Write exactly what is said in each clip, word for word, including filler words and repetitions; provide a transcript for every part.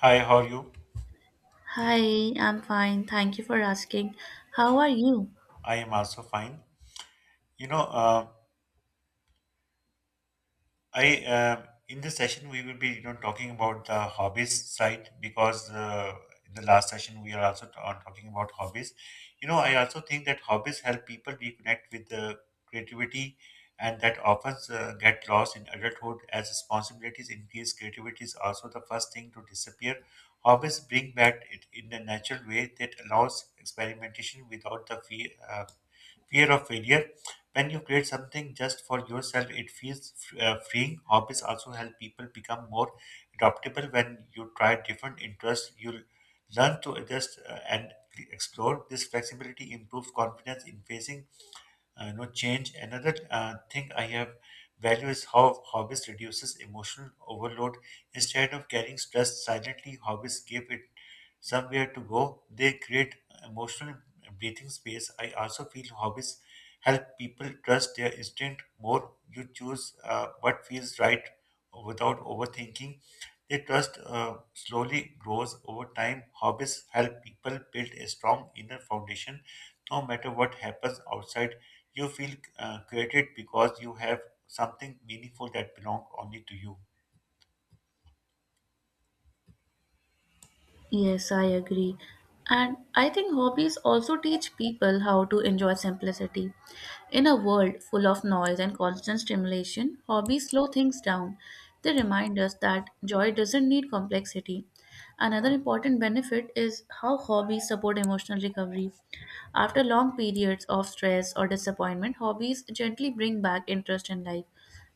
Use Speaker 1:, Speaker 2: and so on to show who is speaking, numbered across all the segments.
Speaker 1: Hi, how are you?
Speaker 2: Hi, I'm fine. Thank you for asking. How are you?
Speaker 1: I am also fine. You know, uh, I uh, in this session we will be you know talking about the hobbies side because uh, in the last session we are also t- on talking about hobbies. You know, I also think that hobbies help people reconnect with the creativity, and that often uh, get lost in adulthood as responsibilities increase. Creativity is also the first thing to disappear. Hobbies bring back it in a natural way that allows experimentation without the fear fear of failure. When you create something just for yourself, it feels uh, freeing. Hobbies also help people become more adaptable when you try different interests. You learn to adjust uh, and explore. This flexibility improves confidence in facing uh, you know change. Another uh, thing I have value is how hobbies reduces emotional overload. Instead of carrying stress silently, hobbies give it somewhere to go. They create emotional breathing space. I also feel hobbies help people trust their instinct more. You choose uh, what feels right without overthinking. They trust uh, slowly grows over time. Hobbies help people build a strong inner foundation no matter what happens outside, you feel uh, created because you have something meaningful that belongs only to you.
Speaker 2: Yes, I agree. And I think hobbies also teach people how to enjoy simplicity. In a world full of noise and constant stimulation, hobbies slow things down. They remind us that joy doesn't need complexity. Another important benefit is how hobbies support emotional recovery. After long periods of stress or disappointment, hobbies gently bring back interest in life.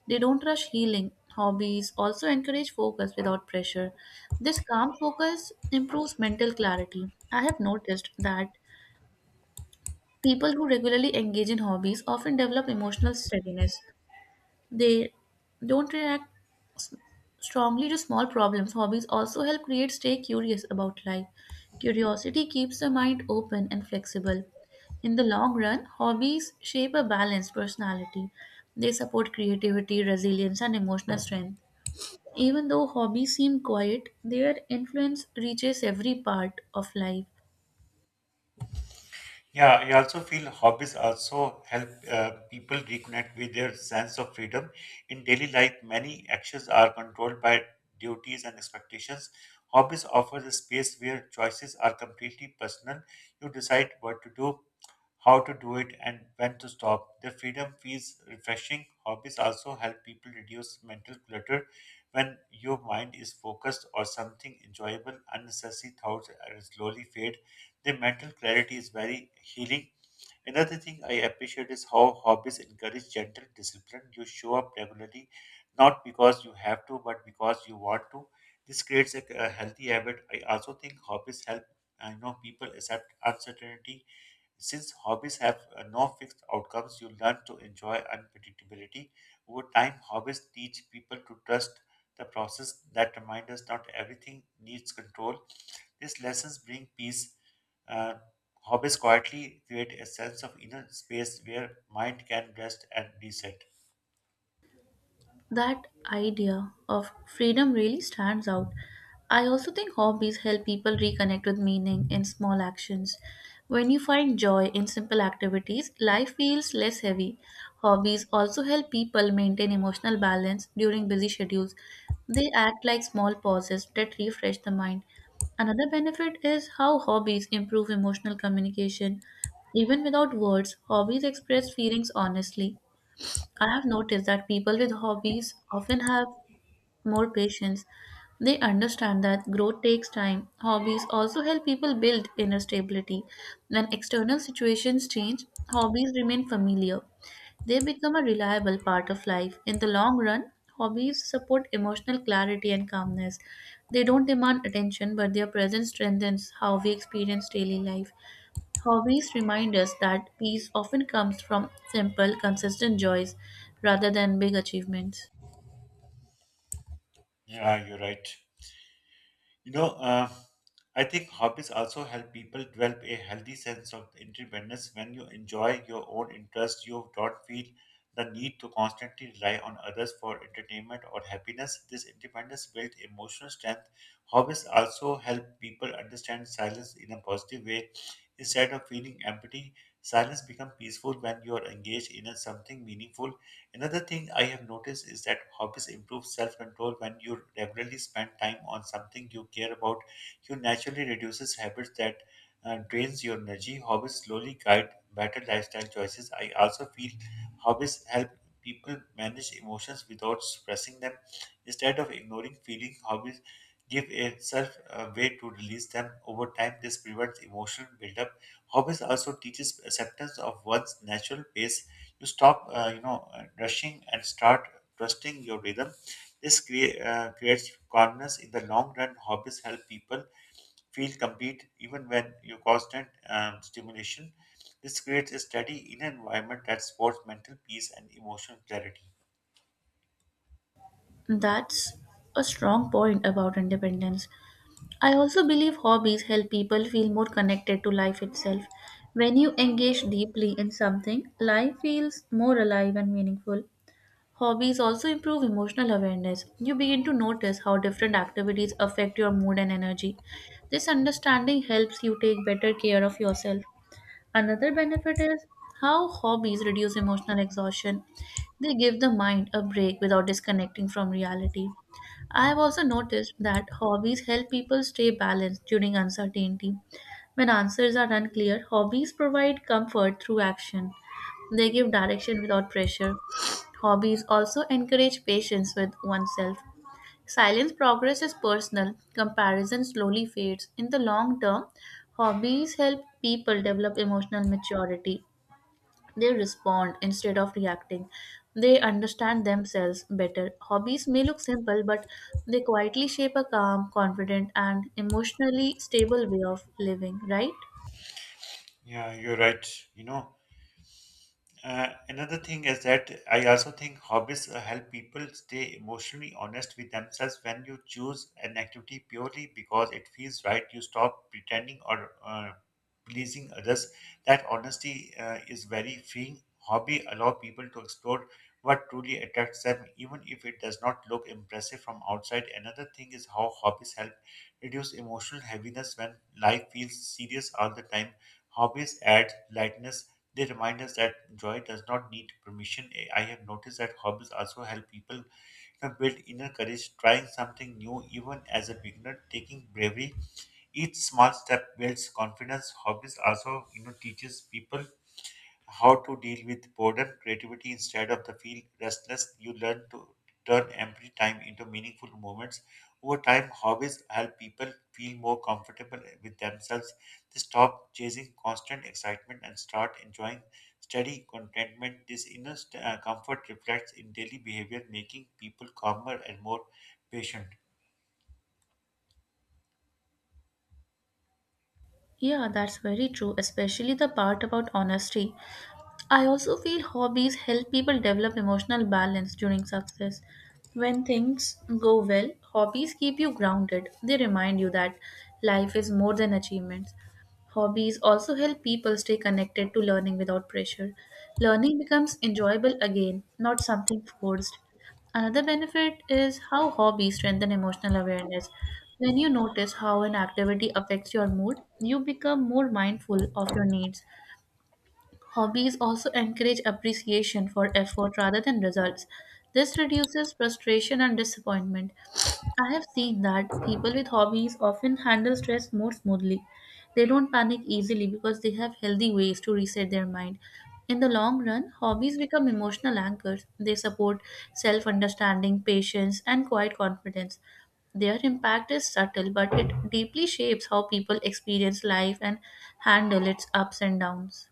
Speaker 2: They don't rush healing. Hobbies also encourage focus without pressure. This calm focus improves mental clarity. I have noticed that people who regularly engage in hobbies often develop emotional steadiness. They don't react strongly to small problems. Hobbies also help create stay curious about life. Curiosity keeps the mind open and flexible. In the long run, hobbies shape a balanced personality. They support creativity, resilience, and emotional strength. Even though hobbies seem quiet, their influence reaches every part of life.
Speaker 1: Yeah, I also feel hobbies also help uh, people reconnect with their sense of freedom. In daily life, many actions are controlled by duties and expectations. Hobbies offer a space where choices are completely personal. You decide what to do, how to do it, and when to stop. The freedom feels refreshing. Hobbies also help people reduce mental clutter. When your mind is focused on something enjoyable, unnecessary thoughts are slowly fade. The mental clarity is very healing. Another thing I appreciate is how hobbies encourage gentle discipline. You show up regularly, not because you have to, but because you want to. This creates a, a healthy habit. I also think hobbies help I know people accept uncertainty since hobbies have uh, no fixed outcomes, you learn to enjoy unpredictability. Over time, hobbies teach people to trust the process that reminds us not everything needs control. These lessons bring peace. Uh, Hobbies quietly create a sense of inner space where mind can rest and reset.
Speaker 2: That idea of freedom really stands out. I also think hobbies help people reconnect with meaning in small actions. When you find joy in simple activities, life feels less heavy. Hobbies also help people maintain emotional balance during busy schedules. They act like small pauses that refresh the mind. Another benefit is how hobbies improve emotional communication. Even without words, hobbies express feelings honestly. I have noticed that people with hobbies often have more patience. They understand that growth takes time. Hobbies also help people build inner stability. When external situations change, hobbies remain familiar. They become a reliable part of life. In the long run, hobbies support emotional clarity and calmness. They don't demand attention, but their presence strengthens how we experience daily life. Hobbies remind us that peace often comes from simple, consistent joys rather than big achievements.
Speaker 1: Yeah, you're right. You know, uh, I think hobbies also help people develop a healthy sense of independence. When you enjoy your own interests, you don't feel the need to constantly rely on others for entertainment or happiness. This independence builds emotional strength. Hobbies also help people understand silence in a positive way. Instead of feeling empty, silence becomes peaceful when you are engaged in a something meaningful. Another thing I have noticed is that hobbies improve self control when you regularly spend time on something you care about. You naturally reduces habits that uh, drains your energy. Hobbies slowly guide better lifestyle choices. I also feel hobbies help people manage emotions without suppressing them. Instead of ignoring feeling, hobbies give a self a way to release them. Over time, this prevents emotional buildup. Hobbies also teaches acceptance of one's natural pace to stop uh, you know uh, rushing and start trusting your rhythm. This crea- uh, creates calmness. In the long run, hobbies help people feel complete even when you constant um, stimulation. This creates a steady inner environment that supports mental peace and emotional clarity.
Speaker 2: That's a strong point about independence. I also believe hobbies help people feel more connected to life itself. When you engage deeply in something, life feels more alive and meaningful. Hobbies also improve emotional awareness. You begin to notice how different activities affect your mood and energy. This understanding helps you take better care of yourself. Another benefit is how hobbies reduce emotional exhaustion. They give the mind a break without disconnecting from reality. I have also noticed that hobbies help people stay balanced during uncertainty. When answers are unclear, hobbies provide comfort through action. They give direction without pressure. Hobbies also encourage patience with oneself. Silence progress is personal, comparison slowly fades. In the long term, hobbies help people develop emotional maturity. They respond instead of reacting. They understand themselves better. Hobbies may look simple, but they quietly shape a calm, confident, and emotionally stable way of living, right?
Speaker 1: Yeah, you're right. you know Uh, another thing is that I also think hobbies uh, help people stay emotionally honest with themselves. When you choose an activity purely because it feels right, you stop pretending or uh, pleasing others. That honesty uh, is very freeing. Hobby allow people to explore what truly attracts them, even if it does not look impressive from outside. Another thing is how hobbies help reduce emotional heaviness when life feels serious all the time. Hobbies add lightness. They remind us that joy does not need permission. Eh, I have noticed that hobbies also help people, you know, build inner courage, trying something new, even as a beginner, taking bravery. Each small step builds confidence. Hobbies also, you know, teaches people how to deal with boredom, creativity instead of the feel restless. You learn to turn empty time into meaningful moments. Over time, hobbies help people feel more comfortable with themselves. They stop chasing constant excitement and start enjoying steady contentment. This inner st- uh, comfort reflects in daily behavior, making people calmer and more patient.
Speaker 2: Yeah, that's very true, especially the part about honesty. I also feel hobbies help people develop emotional balance during success. When things go well, hobbies keep you grounded. They remind you that life is more than achievements. Hobbies also help people stay connected to learning without pressure. Learning becomes enjoyable again, not something forced. Another benefit is how hobbies strengthen emotional awareness. When you notice how an activity affects your mood, you become more mindful of your needs. Hobbies also encourage appreciation for effort rather than results. This reduces frustration and disappointment. I have seen that people with hobbies often handle stress more smoothly. They don't panic easily because they have healthy ways to reset their mind. In the long run, hobbies become emotional anchors. They support self understanding, patience, and quiet confidence. Their impact is subtle, but it deeply shapes how people experience life and handle its ups and downs.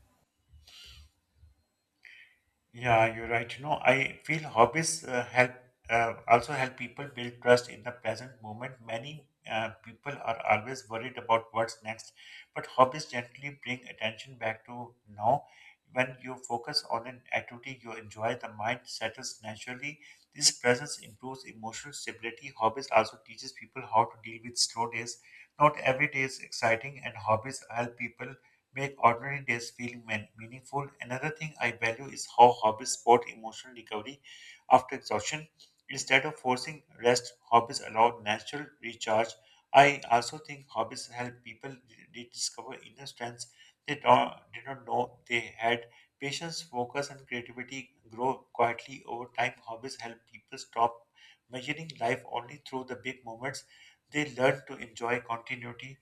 Speaker 1: Yeah, you're right. You know, I feel hobbies uh, help uh, also help people build trust in the present moment. Many uh, people are always worried about what's next, but hobbies gently bring attention back to now. When you focus on an activity you enjoy, the mind settles naturally. This presence improves emotional stability. Hobbies also teaches people how to deal with slow days. Not every day is exciting, and hobbies help people make ordinary days feel man- meaningful. Another thing I value is how hobbies support emotional recovery after exhaustion. Instead of forcing rest, hobbies allow natural recharge. I also think hobbies help people re- rediscover inner strengths they don't, did not know they had. Patience, focus, and creativity grow quietly over time. Hobbies help people stop measuring life only through the big moments. They learn to enjoy continuity.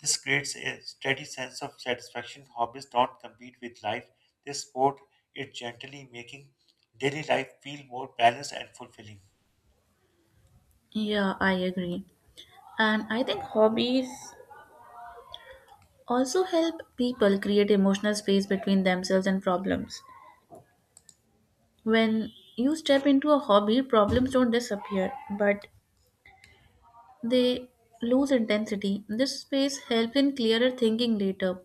Speaker 1: This creates a steady sense of satisfaction. Hobbies don't compete with life, they support it gently, making daily life feel more balanced and fulfilling.
Speaker 2: Yeah, I agree. And I think hobbies also help people create emotional space between themselves and problems. When you step into a hobby, problems don't disappear, but they lose intensity. This space helps in clearer thinking later.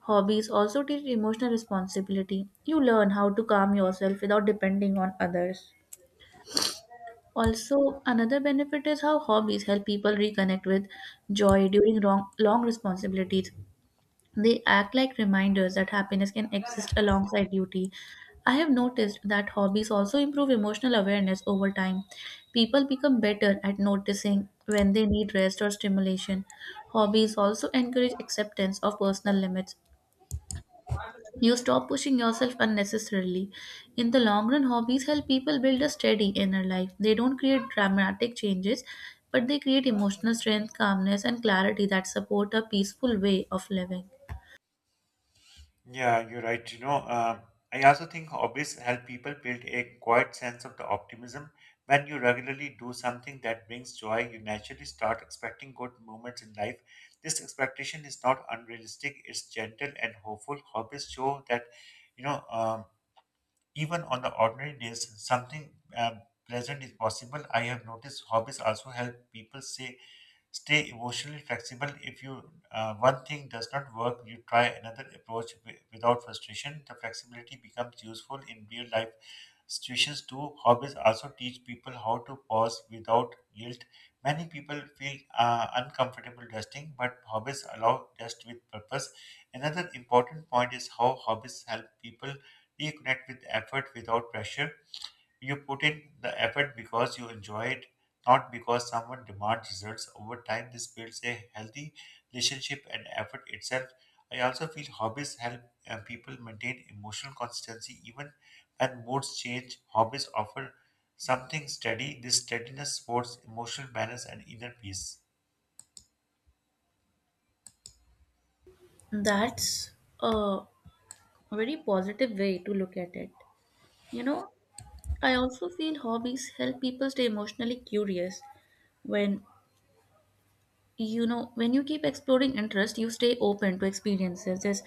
Speaker 2: Hobbies also teach emotional responsibility. You learn how to calm yourself without depending on others. Also, another benefit is how hobbies help people reconnect with joy during long, long responsibilities. They act like reminders that happiness can exist alongside duty. I have noticed that hobbies also improve emotional awareness over time. People become better at noticing when they need rest or stimulation. Hobbies also encourage acceptance of personal limits. You stop pushing yourself unnecessarily. In the long run, hobbies help people build a steady inner life. They don't create dramatic changes, but they create emotional strength, calmness, and clarity that support a peaceful way of living.
Speaker 1: Yeah, you're right. You know, uh, I also think hobbies help people build a quiet sense of the optimism. When you regularly do something that brings joy, you naturally start expecting good moments in life. This expectation is not unrealistic; it's gentle and hopeful. Hobbies show that, you know, um, even on the ordinary days, something uh, pleasant is possible. I have noticed hobbies also help people say stay emotionally flexible. If you uh, one thing does not work, you try another approach wi- without frustration. The flexibility becomes useful in real life situations too. Hobbies also teach people how to pause without guilt. Many people feel uh, uncomfortable resting, but hobbies allow rest with purpose. Another important point is how hobbies help people reconnect with effort without pressure. You put in the effort because you enjoy it, not because someone demands results. Over time, this builds a healthy relationship and effort itself. I also feel hobbies help uh, people maintain emotional consistency even when moods change. Hobbies offer something steady. This steadiness supports emotional balance and inner peace.
Speaker 2: That's a very positive way to look at it. You know, I also feel hobbies help people stay emotionally curious. When you know when you keep exploring interest, you stay open to experiences. This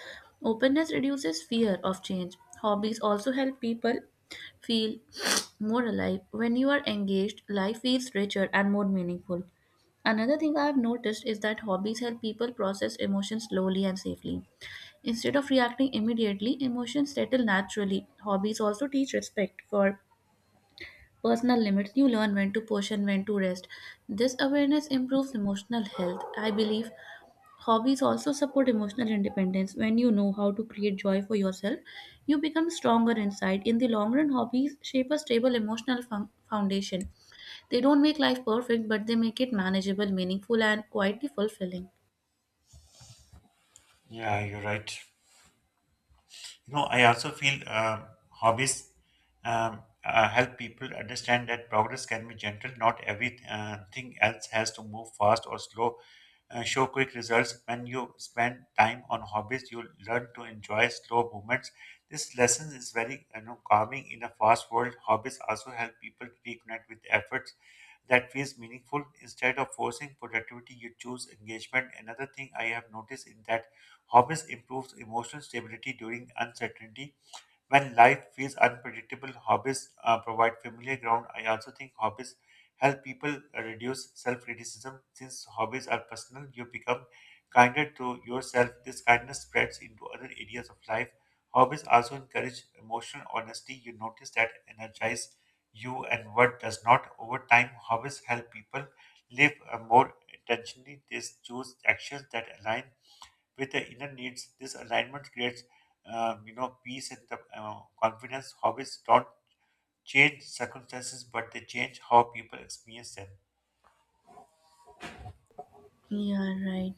Speaker 2: openness reduces fear of change. Hobbies also help people feel more alive. When you are engaged, life feels richer and more meaningful. Another thing I have noticed is that hobbies help people process emotions slowly and safely. Instead of reacting immediately, emotions settle naturally. Hobbies also teach respect for personal limits. You learn when to push and when to rest. This awareness improves emotional health. I believe hobbies also support emotional independence. When you know how to create joy for yourself, you become stronger inside. In the long run, hobbies shape a stable emotional fun- foundation. They don't make life perfect, but they make it manageable, meaningful, and quietly fulfilling.
Speaker 1: Yeah, you're right. You know, I also feel uh, hobbies um, uh, help people understand that progress can be gentle. Not everything uh, thing else has to move fast or slow. Uh, show quick results. When you spend time on hobbies, you learn to enjoy slow movements. This lesson is very, you know, calming in a fast world. Hobbies also help people reconnect with efforts that feels meaningful. Instead of forcing productivity you choose engagement. Another thing I have noticed is that hobbies improves emotional stability during uncertainty. When life feels unpredictable, hobbies uh, provide familiar ground. I also think hobbies help people reduce self-criticism. Since hobbies are personal, you become kinder to yourself. This kindness spreads into other areas of life. Hobbies also encourage emotional honesty. You notice that energize you and what does not. Over time, hobbies help people live uh, more intentionally. They choose actions that align with the inner needs. This alignment creates, um, you know, peace and the, uh, confidence. Hobbies don't change circumstances, but they change how people experience them.
Speaker 2: Yeah, right.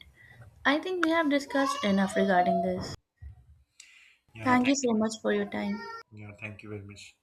Speaker 2: I think we have discussed enough regarding this.
Speaker 1: Yeah,
Speaker 2: Thank you
Speaker 1: thank
Speaker 2: so much for your time.
Speaker 1: you. Yeah, thank you very much.